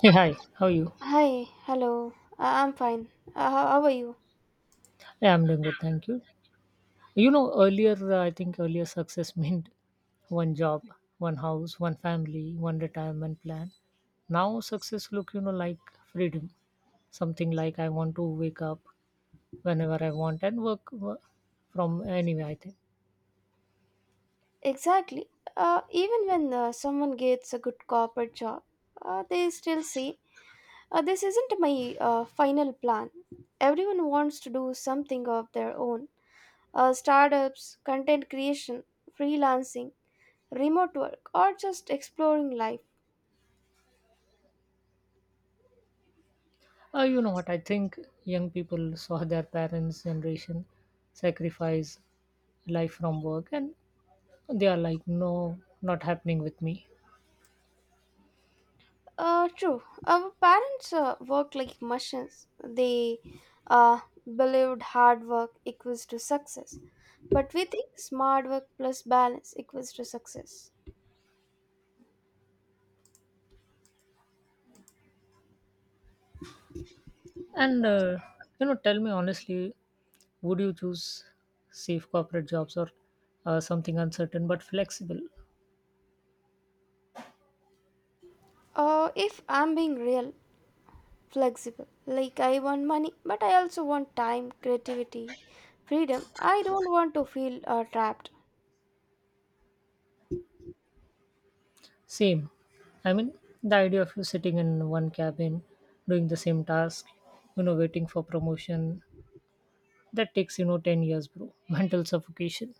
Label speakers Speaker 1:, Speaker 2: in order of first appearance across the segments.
Speaker 1: Hey, hi. How are you?
Speaker 2: Hi, hello. I'm fine. How how are you?
Speaker 1: Yeah, I'm doing good, thank you. You know, earlier, I think earlier success meant one job, one house, one family, one retirement plan. Now success look, you know, like freedom. Something like I want to wake up whenever I want and work from anywhere, I think.
Speaker 2: Exactly. Even when someone gets a good corporate job, they still say, This isn't my final plan. Everyone wants to do something of their own. Startups, content creation, freelancing, remote work, or just exploring life.
Speaker 1: You know what? I think young people saw their parents' generation sacrifice life from work and they are like, no, not happening with me.
Speaker 2: True. Our parents worked like machines. They uh, believed hard work equals to success. But we think smart work plus balance equals to success.
Speaker 1: And, you know, tell me honestly, would you choose safe corporate jobs or something uncertain but flexible?
Speaker 2: If I'm being real, flexible, like I want money, but I also want time, creativity, freedom. I don't want to feel trapped.
Speaker 1: Same. I mean, the idea of you sitting in one cabin, doing the same task, you know, waiting for promotion, that takes, you know, 10 years, bro. Mental suffocation.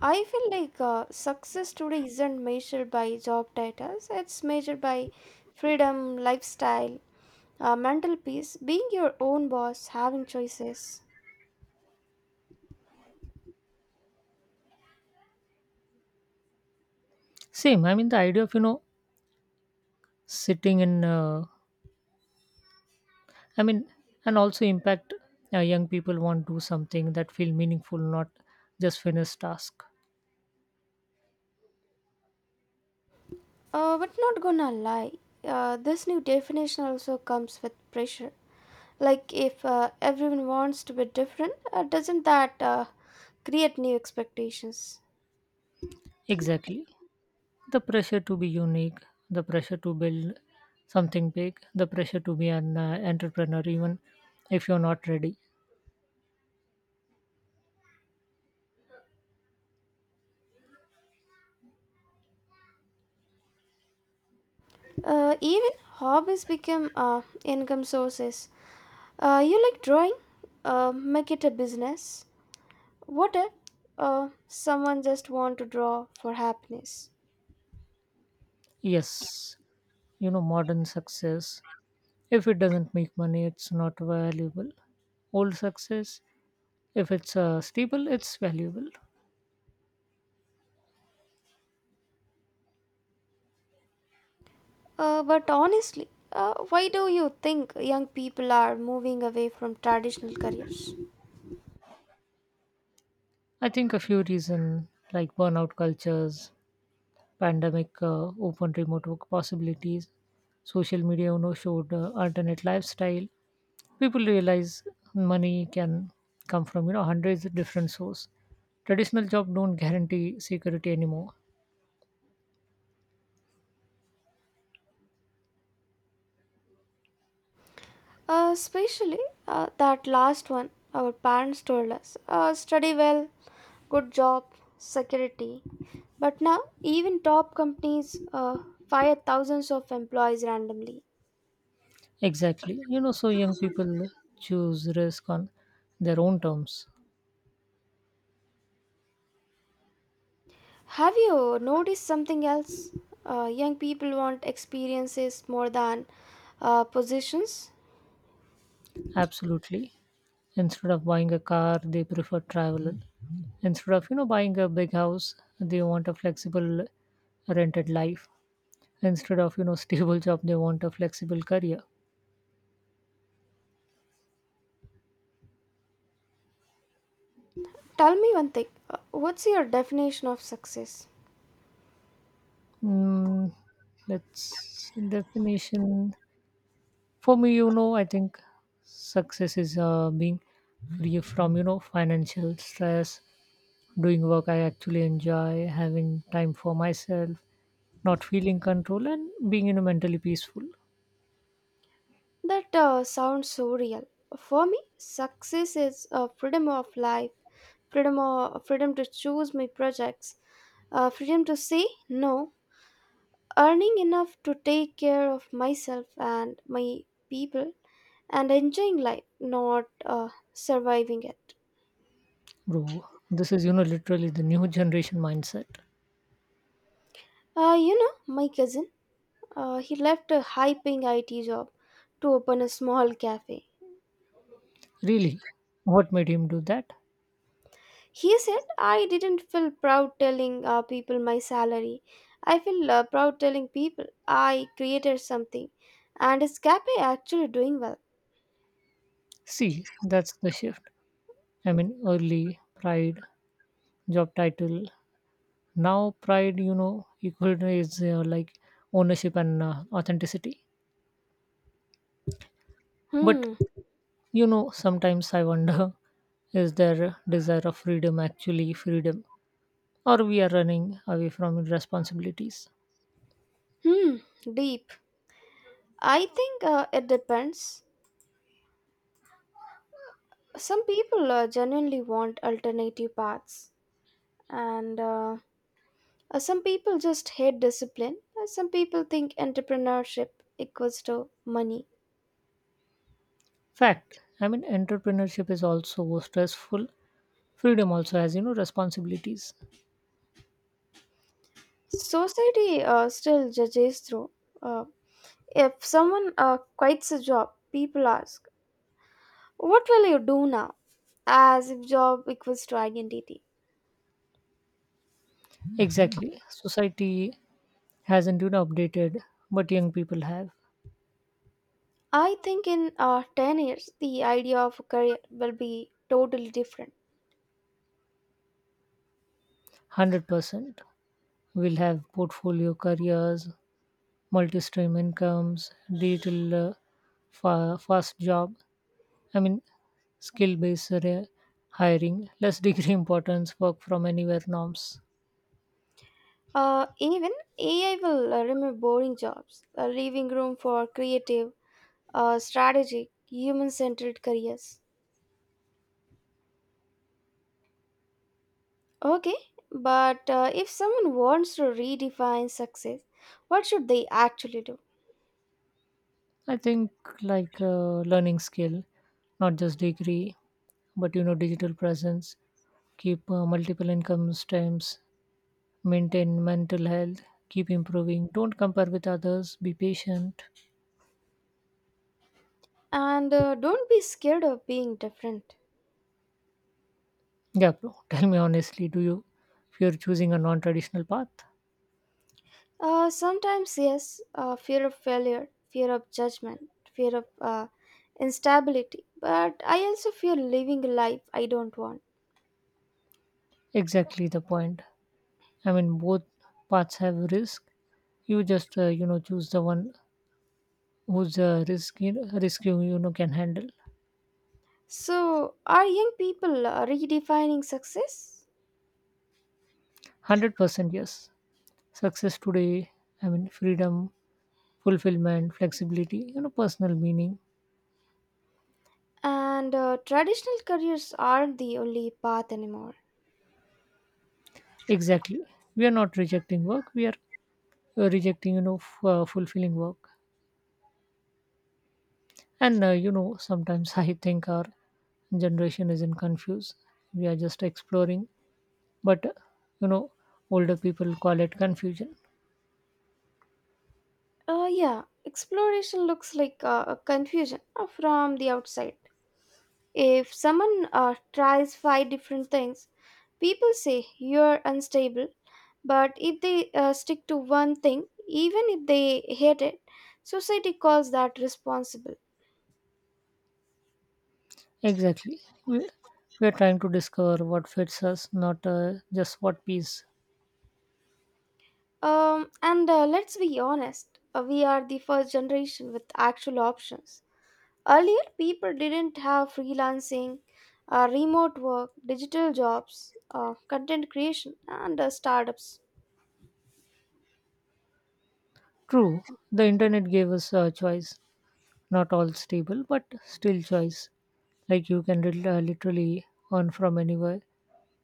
Speaker 2: I feel like success today isn't measured by job titles, it's measured by freedom, lifestyle, mental peace, being your own boss, having choices.
Speaker 1: Same. I mean, the idea of, you know, sitting in, I mean, and also impact young people want to do something that feel meaningful, not just finish task.
Speaker 2: But not gonna lie, this new definition also comes with pressure. Like if everyone wants to be different, doesn't that create new expectations?
Speaker 1: Exactly. The pressure to be unique, the pressure to build something big, the pressure to be an entrepreneur, even if you're not ready.
Speaker 2: Even hobbies become income sources. You like drawing? Make it a business. What if someone just want to draw for happiness?
Speaker 1: Yes, you know, modern success, if it doesn't make money, it's not valuable. Old success, if it's stable, it's valuable.
Speaker 2: But honestly, why do you think young people are moving away from traditional careers?
Speaker 1: I think a few reasons like burnout cultures, pandemic opened remote work possibilities. Social media, you know, showed alternate lifestyle. People realize money can come from you know hundreds of different source. Traditional job don't guarantee security anymore.
Speaker 2: Especially that last one our parents told us study well, good job, security. But now, even top companies fire thousands of employees randomly.
Speaker 1: Exactly. You know, so young people choose risk on their own terms.
Speaker 2: Have you noticed something else? Young people want experiences more than positions.
Speaker 1: Absolutely. Instead of buying a car, they prefer travel. Instead of, you know, buying a big house, they want a flexible rented life. Instead of you know stable job they want a flexible career.
Speaker 2: Tell me one thing, what's your definition of success?
Speaker 1: Mm, let's definition for me you know I think success is being free from you know financial stress, doing work I actually enjoy, having time for myself, not feeling control and being you know mentally peaceful.
Speaker 2: That sounds so real. For me, success is freedom of life, freedom to choose my projects, freedom to say no, earning enough to take care of myself and my people, and enjoying life, not surviving it.
Speaker 1: Bro, this is you know literally the new generation mindset.
Speaker 2: My cousin, he left a high paying IT job to open a small cafe.
Speaker 1: Really, what made him do that?
Speaker 2: He said, I didn't feel proud telling people my salary. I feel proud telling people I created something. And is Cafe actually doing well?
Speaker 1: See, that's the shift. I mean, early pride, job title. Now, pride, you know, equal is like ownership and authenticity. But,
Speaker 2: Hmm,
Speaker 1: you know, sometimes I wonder, is there desire of freedom actually freedom? Or we are running away from responsibilities?
Speaker 2: hmm, deep. I think it depends. Some people genuinely want alternative paths, and some people just hate discipline. Some people think entrepreneurship equals to money.
Speaker 1: Fact. I mean, entrepreneurship is also stressful. Freedom also has, you know, responsibilities.
Speaker 2: Society still judges through. uh, If someone quits a job, people ask, What will you do now? As if job equals to identity.
Speaker 1: Exactly. Society hasn't, you know, updated, but young people have.
Speaker 2: I think in 10 years, the idea of a career will be totally different.
Speaker 1: 100% will have portfolio careers, multi-stream incomes, digital fast job. I mean, skill-based hiring, less degree importance, work from anywhere norms.
Speaker 2: Even AI will remove boring jobs, leaving room for creative, strategic, human centered careers. Okay, but if someone wants to redefine success, what should they actually do?
Speaker 1: I think like learning skill, not just degree, but you know, digital presence, keep multiple income streams, maintain mental health, keep improving. Don't compare with others. Be patient.
Speaker 2: And don't be scared of being different.
Speaker 1: Yeah, bro. Tell me honestly, do you fear choosing a non-traditional path?
Speaker 2: Sometimes, yes, fear of failure, fear of judgment, fear of instability, but I also fear living a life I don't want.
Speaker 1: Exactly the point. I mean, both paths have risk. You just you know choose the one whose risk you, you know can handle.
Speaker 2: So, are young people redefining success?
Speaker 1: 100% yes. Success today. I mean, freedom, fulfillment, flexibility. You know, personal meaning.
Speaker 2: And traditional careers aren't the only path anymore.
Speaker 1: Exactly. We are not rejecting work. We are rejecting you know fulfilling work. And you know sometimes I think our generation isn't confused. We are just exploring. But you know older people call it confusion.
Speaker 2: Yeah, exploration looks like a confusion from the outside. If someone tries five different things, people say you're unstable. But if they stick to one thing, even if they hate it, society calls that responsible.
Speaker 1: Exactly. We are trying to discover what fits us, not just what piece.
Speaker 2: And let's be honest, we are the first generation with actual options. Earlier, people didn't have freelancing, remote work, digital jobs, content creation, and startups.
Speaker 1: True, the internet gave us a choice. Not all stable, but still choice. Like you can literally earn from anywhere,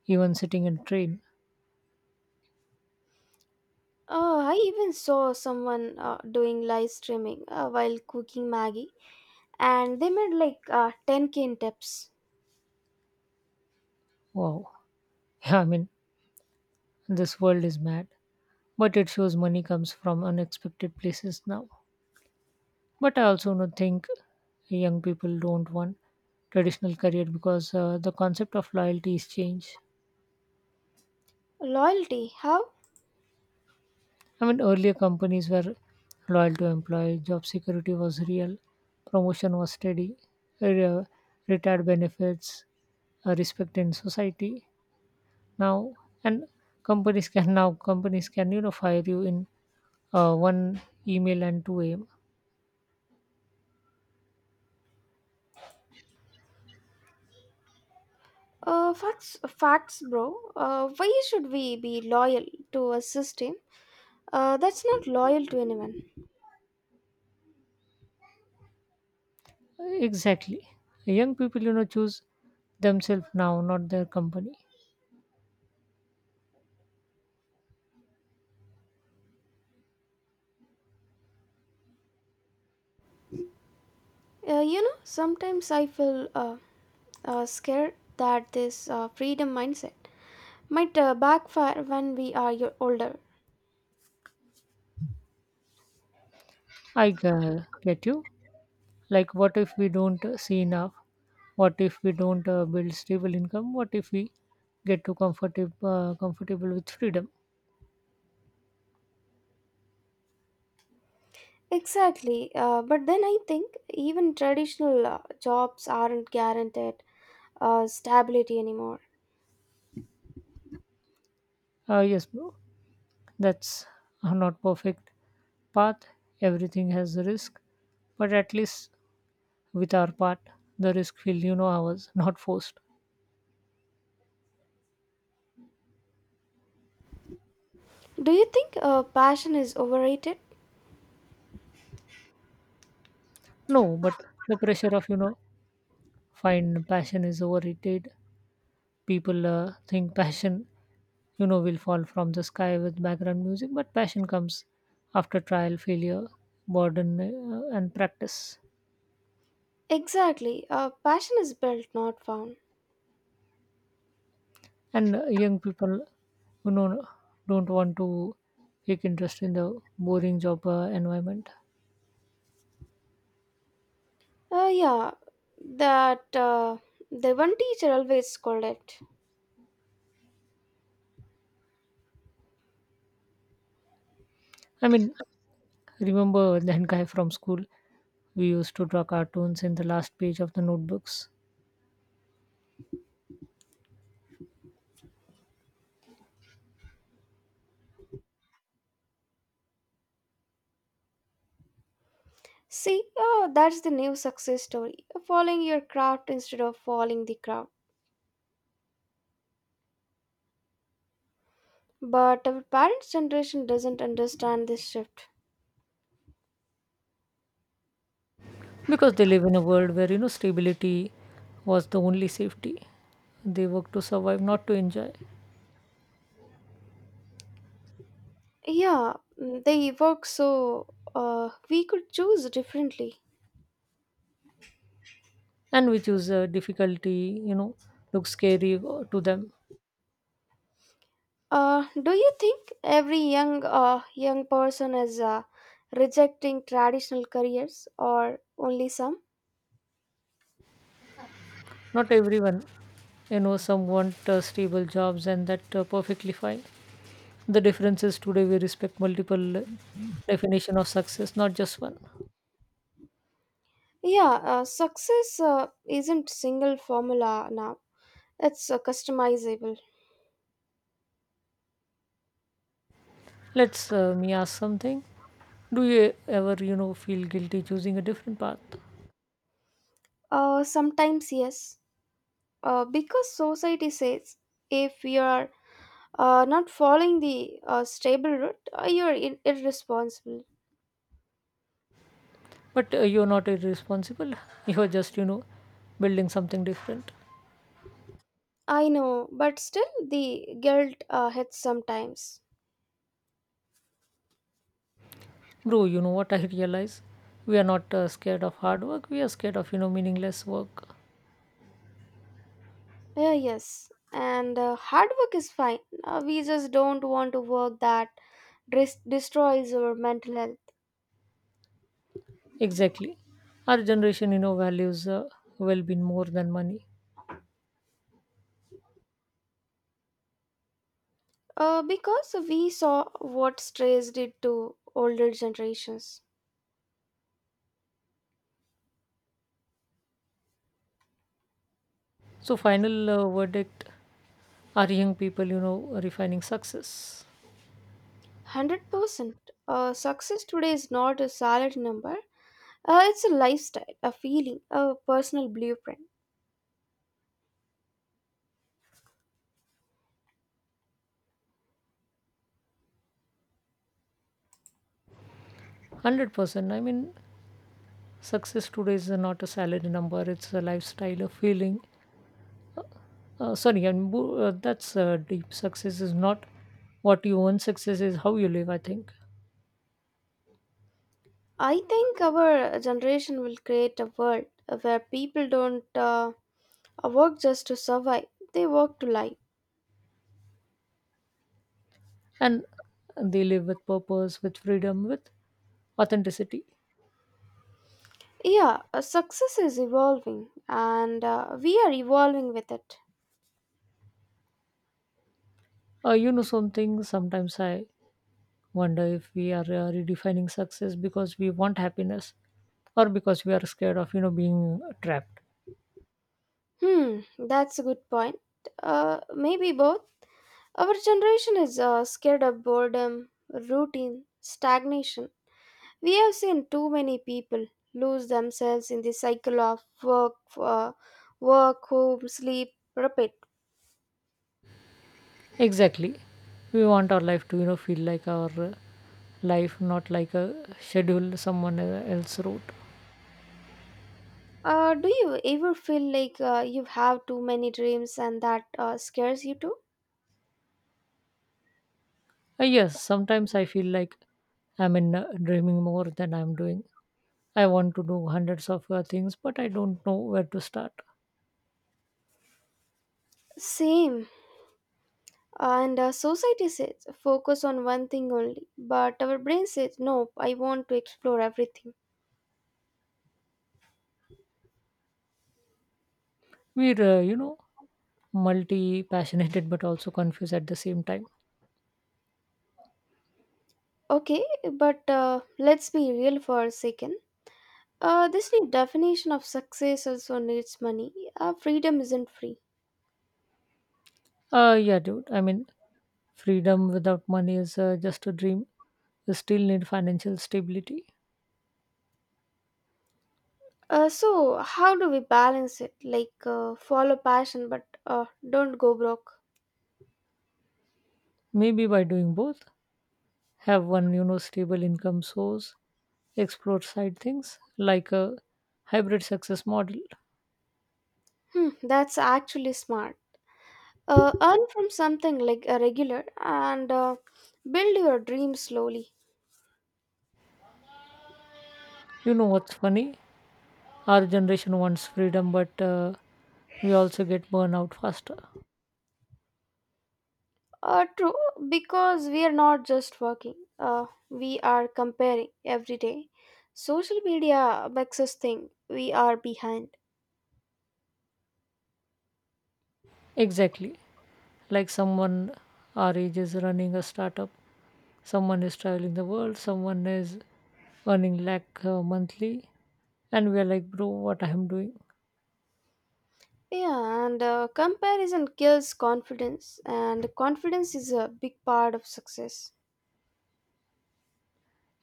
Speaker 1: even sitting in train.
Speaker 2: I even saw someone doing live streaming while cooking Maggie, and they made like 10K in tips.
Speaker 1: Wow. Yeah, I mean, this world is mad. But it shows money comes from unexpected places now. But I also don't think young people don't want traditional career because the concept of loyalty is changed.
Speaker 2: Loyalty, how?
Speaker 1: I mean, earlier companies were loyal to employee, job security was real, promotion was steady, re- retired benefits, respect in society. Now, and companies can now companies can you know fire you in one email and 2 a.m.
Speaker 2: Facts, facts, bro. Why should we be loyal to a system that's not loyal to anyone?
Speaker 1: Exactly, young people you know choose themselves now, not their company.
Speaker 2: Sometimes I feel scared that this freedom mindset might backfire when we are older.
Speaker 1: I get you. Like what if we don't see enough, what if we don't build stable income, what if we get too comfortable with freedom?
Speaker 2: Exactly. But then I think even traditional jobs aren't guaranteed stability anymore.
Speaker 1: Yes bro, that's a not perfect path. Everything has a risk but at least with our part the risk feel you know ours, not forced.
Speaker 2: Do you think passion is overrated?
Speaker 1: No, but the pressure of you know find passion is overrated. People think passion you know will fall from the sky with background music, but passion comes after trial failure burden and practice.
Speaker 2: Exactly. Passion is built, not found.
Speaker 1: And young people you know don't want to take interest in the boring job environment.
Speaker 2: Yeah, that the one teacher always scolded.
Speaker 1: I mean, remember that guy from school, we used to draw cartoons in the last page of the notebooks.
Speaker 2: See, oh, that's the new success story. Following your craft instead of following the crowd. But our parents' generation doesn't understand this shift.
Speaker 1: Because they live in a world where you know stability was the only safety, they work to survive not to enjoy.
Speaker 2: Yeah, they work so we could choose differently.
Speaker 1: And which is difficulty you know looks scary to them.
Speaker 2: Do you think every young person is rejecting traditional careers or only some?
Speaker 1: Not everyone you know, some want stable jobs and that perfectly fine. The difference is today we respect multiple definition of success, not just one.
Speaker 2: Yeah, success isn't single formula now. It's customizable.
Speaker 1: Let's me ask something. Do you ever you know feel guilty choosing a different path?
Speaker 2: Sometimes yes, because society says if you are not following the stable route, you are irresponsible.
Speaker 1: But you're not irresponsible, you're just you know building something different.
Speaker 2: I know, but still the guilt hits sometimes.
Speaker 1: Bro, you know what I realize? We are not scared of hard work. We are scared of you know meaningless work.
Speaker 2: Yeah, yes, and hard work is fine. We just don't want to work that destroys our mental health.
Speaker 1: Exactly. Our generation, you know, values well-being more than money.
Speaker 2: Because we saw what strays did to older generations.
Speaker 1: So, final verdict: are young people, you know, refining success?
Speaker 2: 100%. Success today is not a salary number, it's a lifestyle, a feeling, a personal blueprint.
Speaker 1: 100%. I mean, success today is not a salary number. It's a lifestyle, a feeling. Sorry, and that's deep. Success is not what you own. Success is how you live. I think.
Speaker 2: I think our generation will create a world where people don't work just to survive, they work to live.
Speaker 1: And they live with purpose, with freedom, with authenticity.
Speaker 2: Yeah, success is evolving and we are evolving with it.
Speaker 1: You know, something sometimes I wonder if we are redefining success because we want happiness or because we are scared of, you know, being trapped.
Speaker 2: Hmm, that's a good point. Maybe both. Our generation is scared of boredom, routine, stagnation. We have seen too many people lose themselves in the cycle of work, home, sleep, repeat.
Speaker 1: Exactly. We want our life to, you know, feel like our life, not like a schedule someone else wrote.
Speaker 2: Do you ever feel like you have too many dreams and that scares you too?
Speaker 1: Yes, sometimes I feel like I'm in dreaming more than I'm doing. I want to do hundreds of things, but I don't know where to start.
Speaker 2: Same. And society says focus on one thing only, but our brain says nope. I want to explore everything.
Speaker 1: We're, you know, multi passionate but also confused at the same time.
Speaker 2: Okay, but let's be real for a second. This new definition of success also needs money. Freedom isn't free.
Speaker 1: Yeah, dude. I mean, freedom without money is just a dream. We still need financial stability.
Speaker 2: So how do we balance it? Like follow passion, but don't go broke.
Speaker 1: Maybe by doing both, have one, you know, stable income source, explore side things like a hybrid success model.
Speaker 2: Hmm, that's actually smart. Earn from something like a regular and build your dreams slowly.
Speaker 1: You know what's funny? Our generation wants freedom, but we also get burnout faster.
Speaker 2: True, because we are not just working. We are comparing every day. Social media makes us think we are behind.
Speaker 1: Exactly. Like someone our age is running a startup, someone is traveling the world, someone is earning lakh monthly, and we are like bro what I am doing.
Speaker 2: Yeah, and comparison kills confidence, and confidence is a big part of success.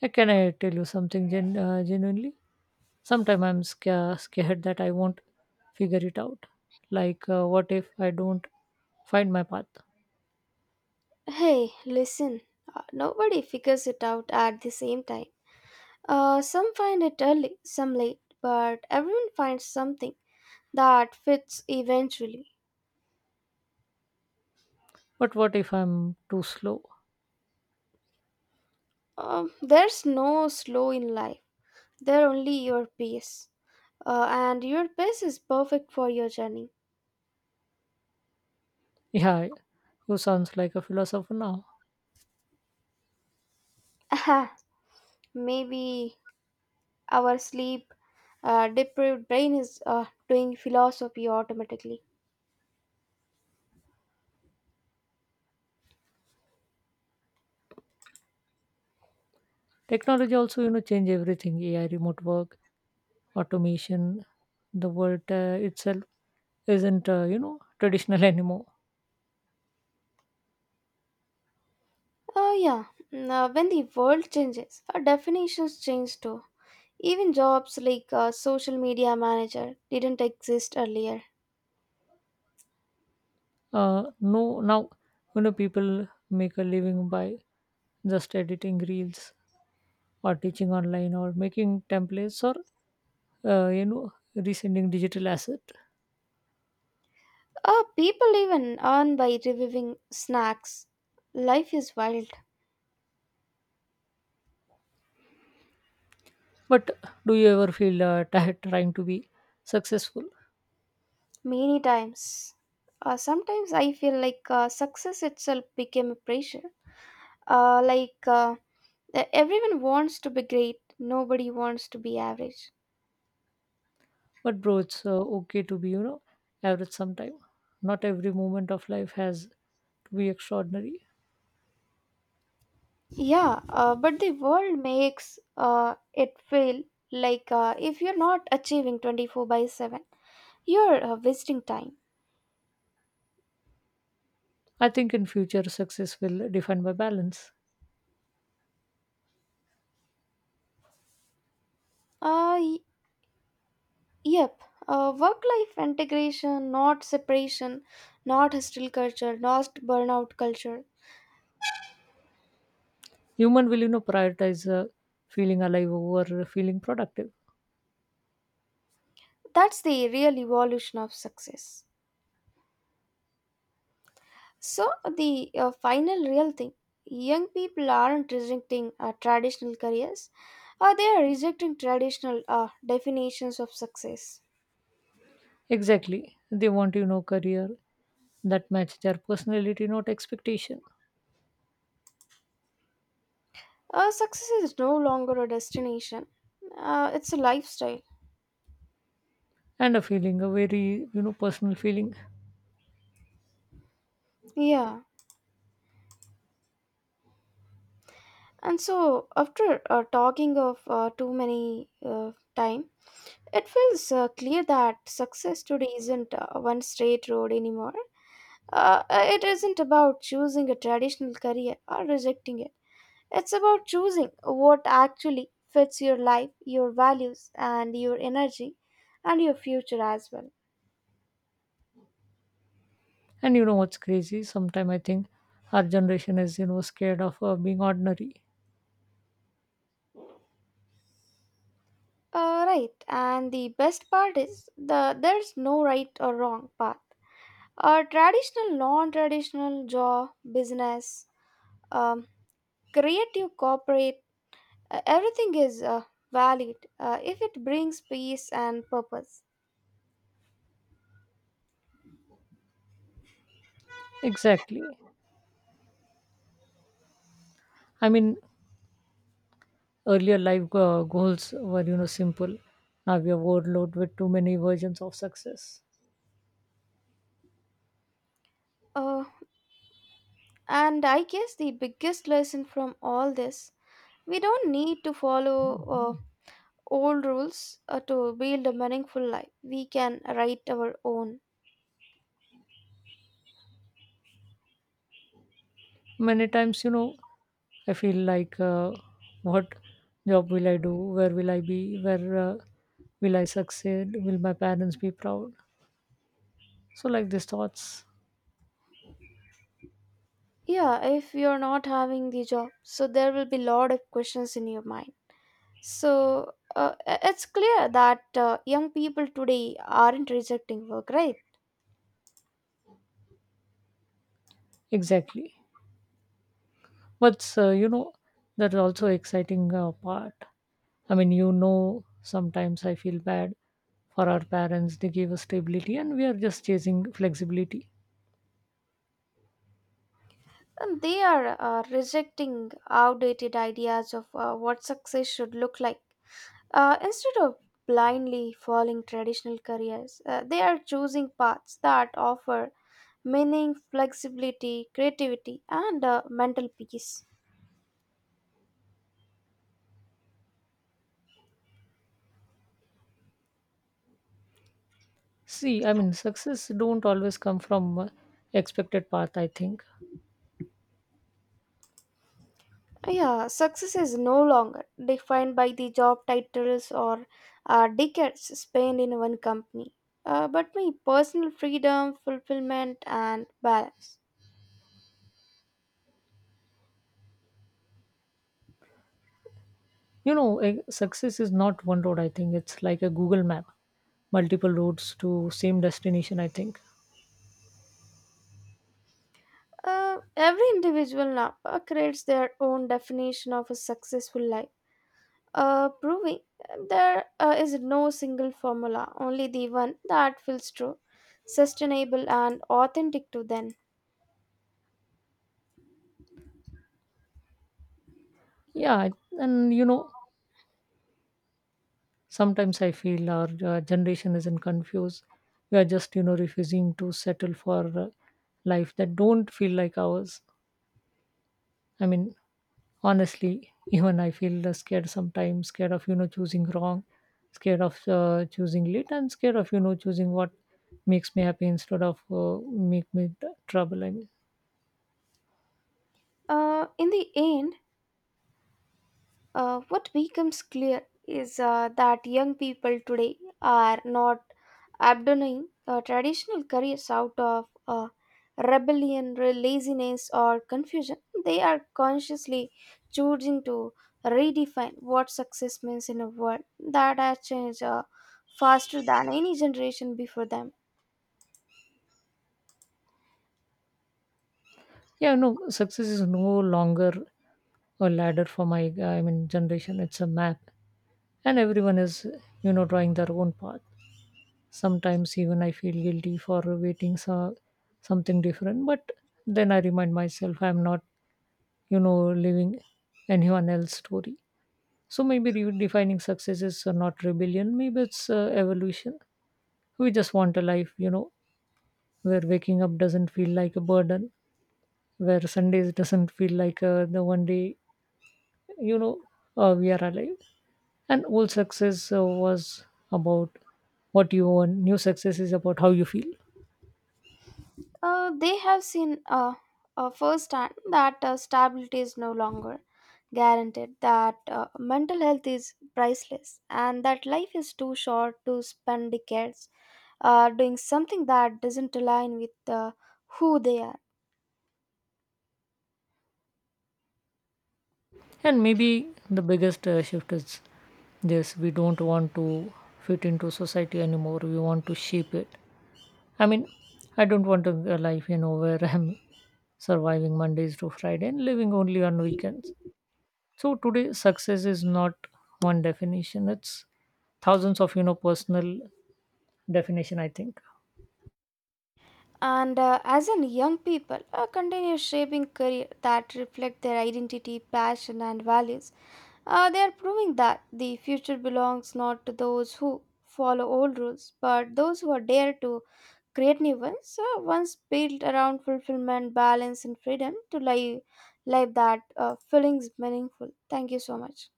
Speaker 1: Can I tell you something genuinely? Sometimes I'm scared that I won't figure it out. Like what if I don't find my path?
Speaker 2: Hey, listen, nobody figures it out at the same time. Some find it early, some late, but everyone finds something that fits eventually.
Speaker 1: But what if I'm too slow?
Speaker 2: There's no slow in life, there only your pace. And your pace is perfect for your journey.
Speaker 1: Yeah, who sounds like a philosopher now?
Speaker 2: Maybe our sleep deprived brain is doing philosophy automatically.
Speaker 1: Technology also you know change everything, AI, remote work, automation, the world itself isn't you know traditional anymore.
Speaker 2: Oh, yeah. Now when the world changes, our definitions change too. Even jobs like social media manager didn't exist earlier.
Speaker 1: No, now you know people make a living by just editing reels or teaching online or making templates or you know resending digital asset.
Speaker 2: People even earn by reviewing snacks. Life is wild.
Speaker 1: But do you ever feel tired trying to be successful?
Speaker 2: Many times. Sometimes I feel like success itself became a pressure. Like everyone wants to be great, nobody wants to be average.
Speaker 1: But bro it's okay to be you know average sometime. Not every moment of life has to be extraordinary.
Speaker 2: Yeah, but the world makes it feel like if you're not achieving 24/7, you're wasting time.
Speaker 1: I think in future success will define by balance.
Speaker 2: Uh, y- yep, work life integration, not separation, not hostile culture, not burnout culture.
Speaker 1: Human will you know prioritize feeling alive over feeling productive.
Speaker 2: That's the real evolution of success. So, the final real thing. Young people aren't rejecting traditional careers, they are rejecting traditional definitions of success.
Speaker 1: Exactly, they want you know career that match their personality, not expectation,
Speaker 2: Success is no longer a destination, it's a lifestyle.
Speaker 1: and a feeling, a very you know personal feeling.
Speaker 2: Yeah. And so, after talking of too many time, it feels clear that success today isn't one straight road anymore. It isn't about choosing a traditional career or rejecting it. It's about choosing what actually fits your life, your values, and your energy, and your future as well.
Speaker 1: And you know what's crazy? Sometimes I think our generation is you know scared of being ordinary.
Speaker 2: Right, and the best part is there's no right or wrong path. Traditional, non-traditional, job, business, um, creative, corporate, everything is valid if it brings peace and purpose.
Speaker 1: Exactly. I mean, earlier life goals were you know simple. Now we are overloaded with too many versions of success.
Speaker 2: Uh, and I guess the biggest lesson from all this, we don't need to follow uh, old rules to build a meaningful life. We can write our own.
Speaker 1: Many times, you know, I feel like, what job will I do? Where will I be? Where will I succeed? Will my parents be proud? So, like these thoughts,
Speaker 2: Yeah, if you're not having the job, so there will be lot of questions in your mind. So it's clear that young people today aren't rejecting work, right?
Speaker 1: exactly. But, you know, that's also exciting part. I mean, you know, sometimes I feel bad for our parents. They give us stability and we are just chasing flexibility.
Speaker 2: And they are rejecting outdated ideas of what success should look like. Instead of blindly following traditional careers, they are choosing paths that offer meaning, flexibility, creativity, and mental peace.
Speaker 1: See, I mean, success don't always come from expected path, I think.
Speaker 2: Yeah, success is no longer defined by the job titles or decades spent in one company, but by personal freedom, fulfillment, and balance.
Speaker 1: You know, eh, success is not one road, I think. It's like a Google map, multiple roads to same destination, I think.
Speaker 2: Every individual now creates their own definition of a successful life, proving there is no single formula, only the one that feels true, sustainable, and authentic to them.
Speaker 1: Yeah, and you know, sometimes I feel our generation isn't confused. We are just, you know, refusing to settle for life that don't feel like ours. I mean, honestly, even I feel scared sometimes, scared of, you know, choosing wrong, scared of choosing late, and scared of, you know, choosing what makes me happy instead of make me trouble. I mean.
Speaker 2: In the end, what becomes clear is that young people today are not abandoning traditional careers out of rebellion, laziness, or confusion. They are consciously choosing to redefine what success means in a world that has changed faster than any generation before them.
Speaker 1: Yeah, no, success is no longer a ladder for my, I mean, generation. It's a map, and everyone is, you know, drawing their own path. Sometimes even I feel guilty for waiting so, something different, but then I remind myself I'm not, you know, living anyone else's story. So maybe redefining success is not rebellion. Maybe it's evolution. We just want a life, you know, where waking up doesn't feel like a burden, where Sundays doesn't feel like the one day you know we are alive. And old success was about what you want, new success is about how you feel.
Speaker 2: They have seen firsthand that stability is no longer guaranteed, that mental health is priceless, and that life is too short to spend decades doing something that doesn't align with who they are.
Speaker 1: And maybe the biggest shift is this, we don't want to fit into society anymore, we want to shape it. I mean, I don't want a life you know where I'm surviving Mondays to Friday and living only on weekends. So today success is not one definition, it's thousands of you know personal definition, I think.
Speaker 2: And as in young people, continue shaping career that reflect their identity, passion, and values. They are proving that the future belongs not to those who follow old rules, but those who are dare to create new ones, ones built around fulfillment, balance, and freedom to live life that feelings meaningful. Thank you so much.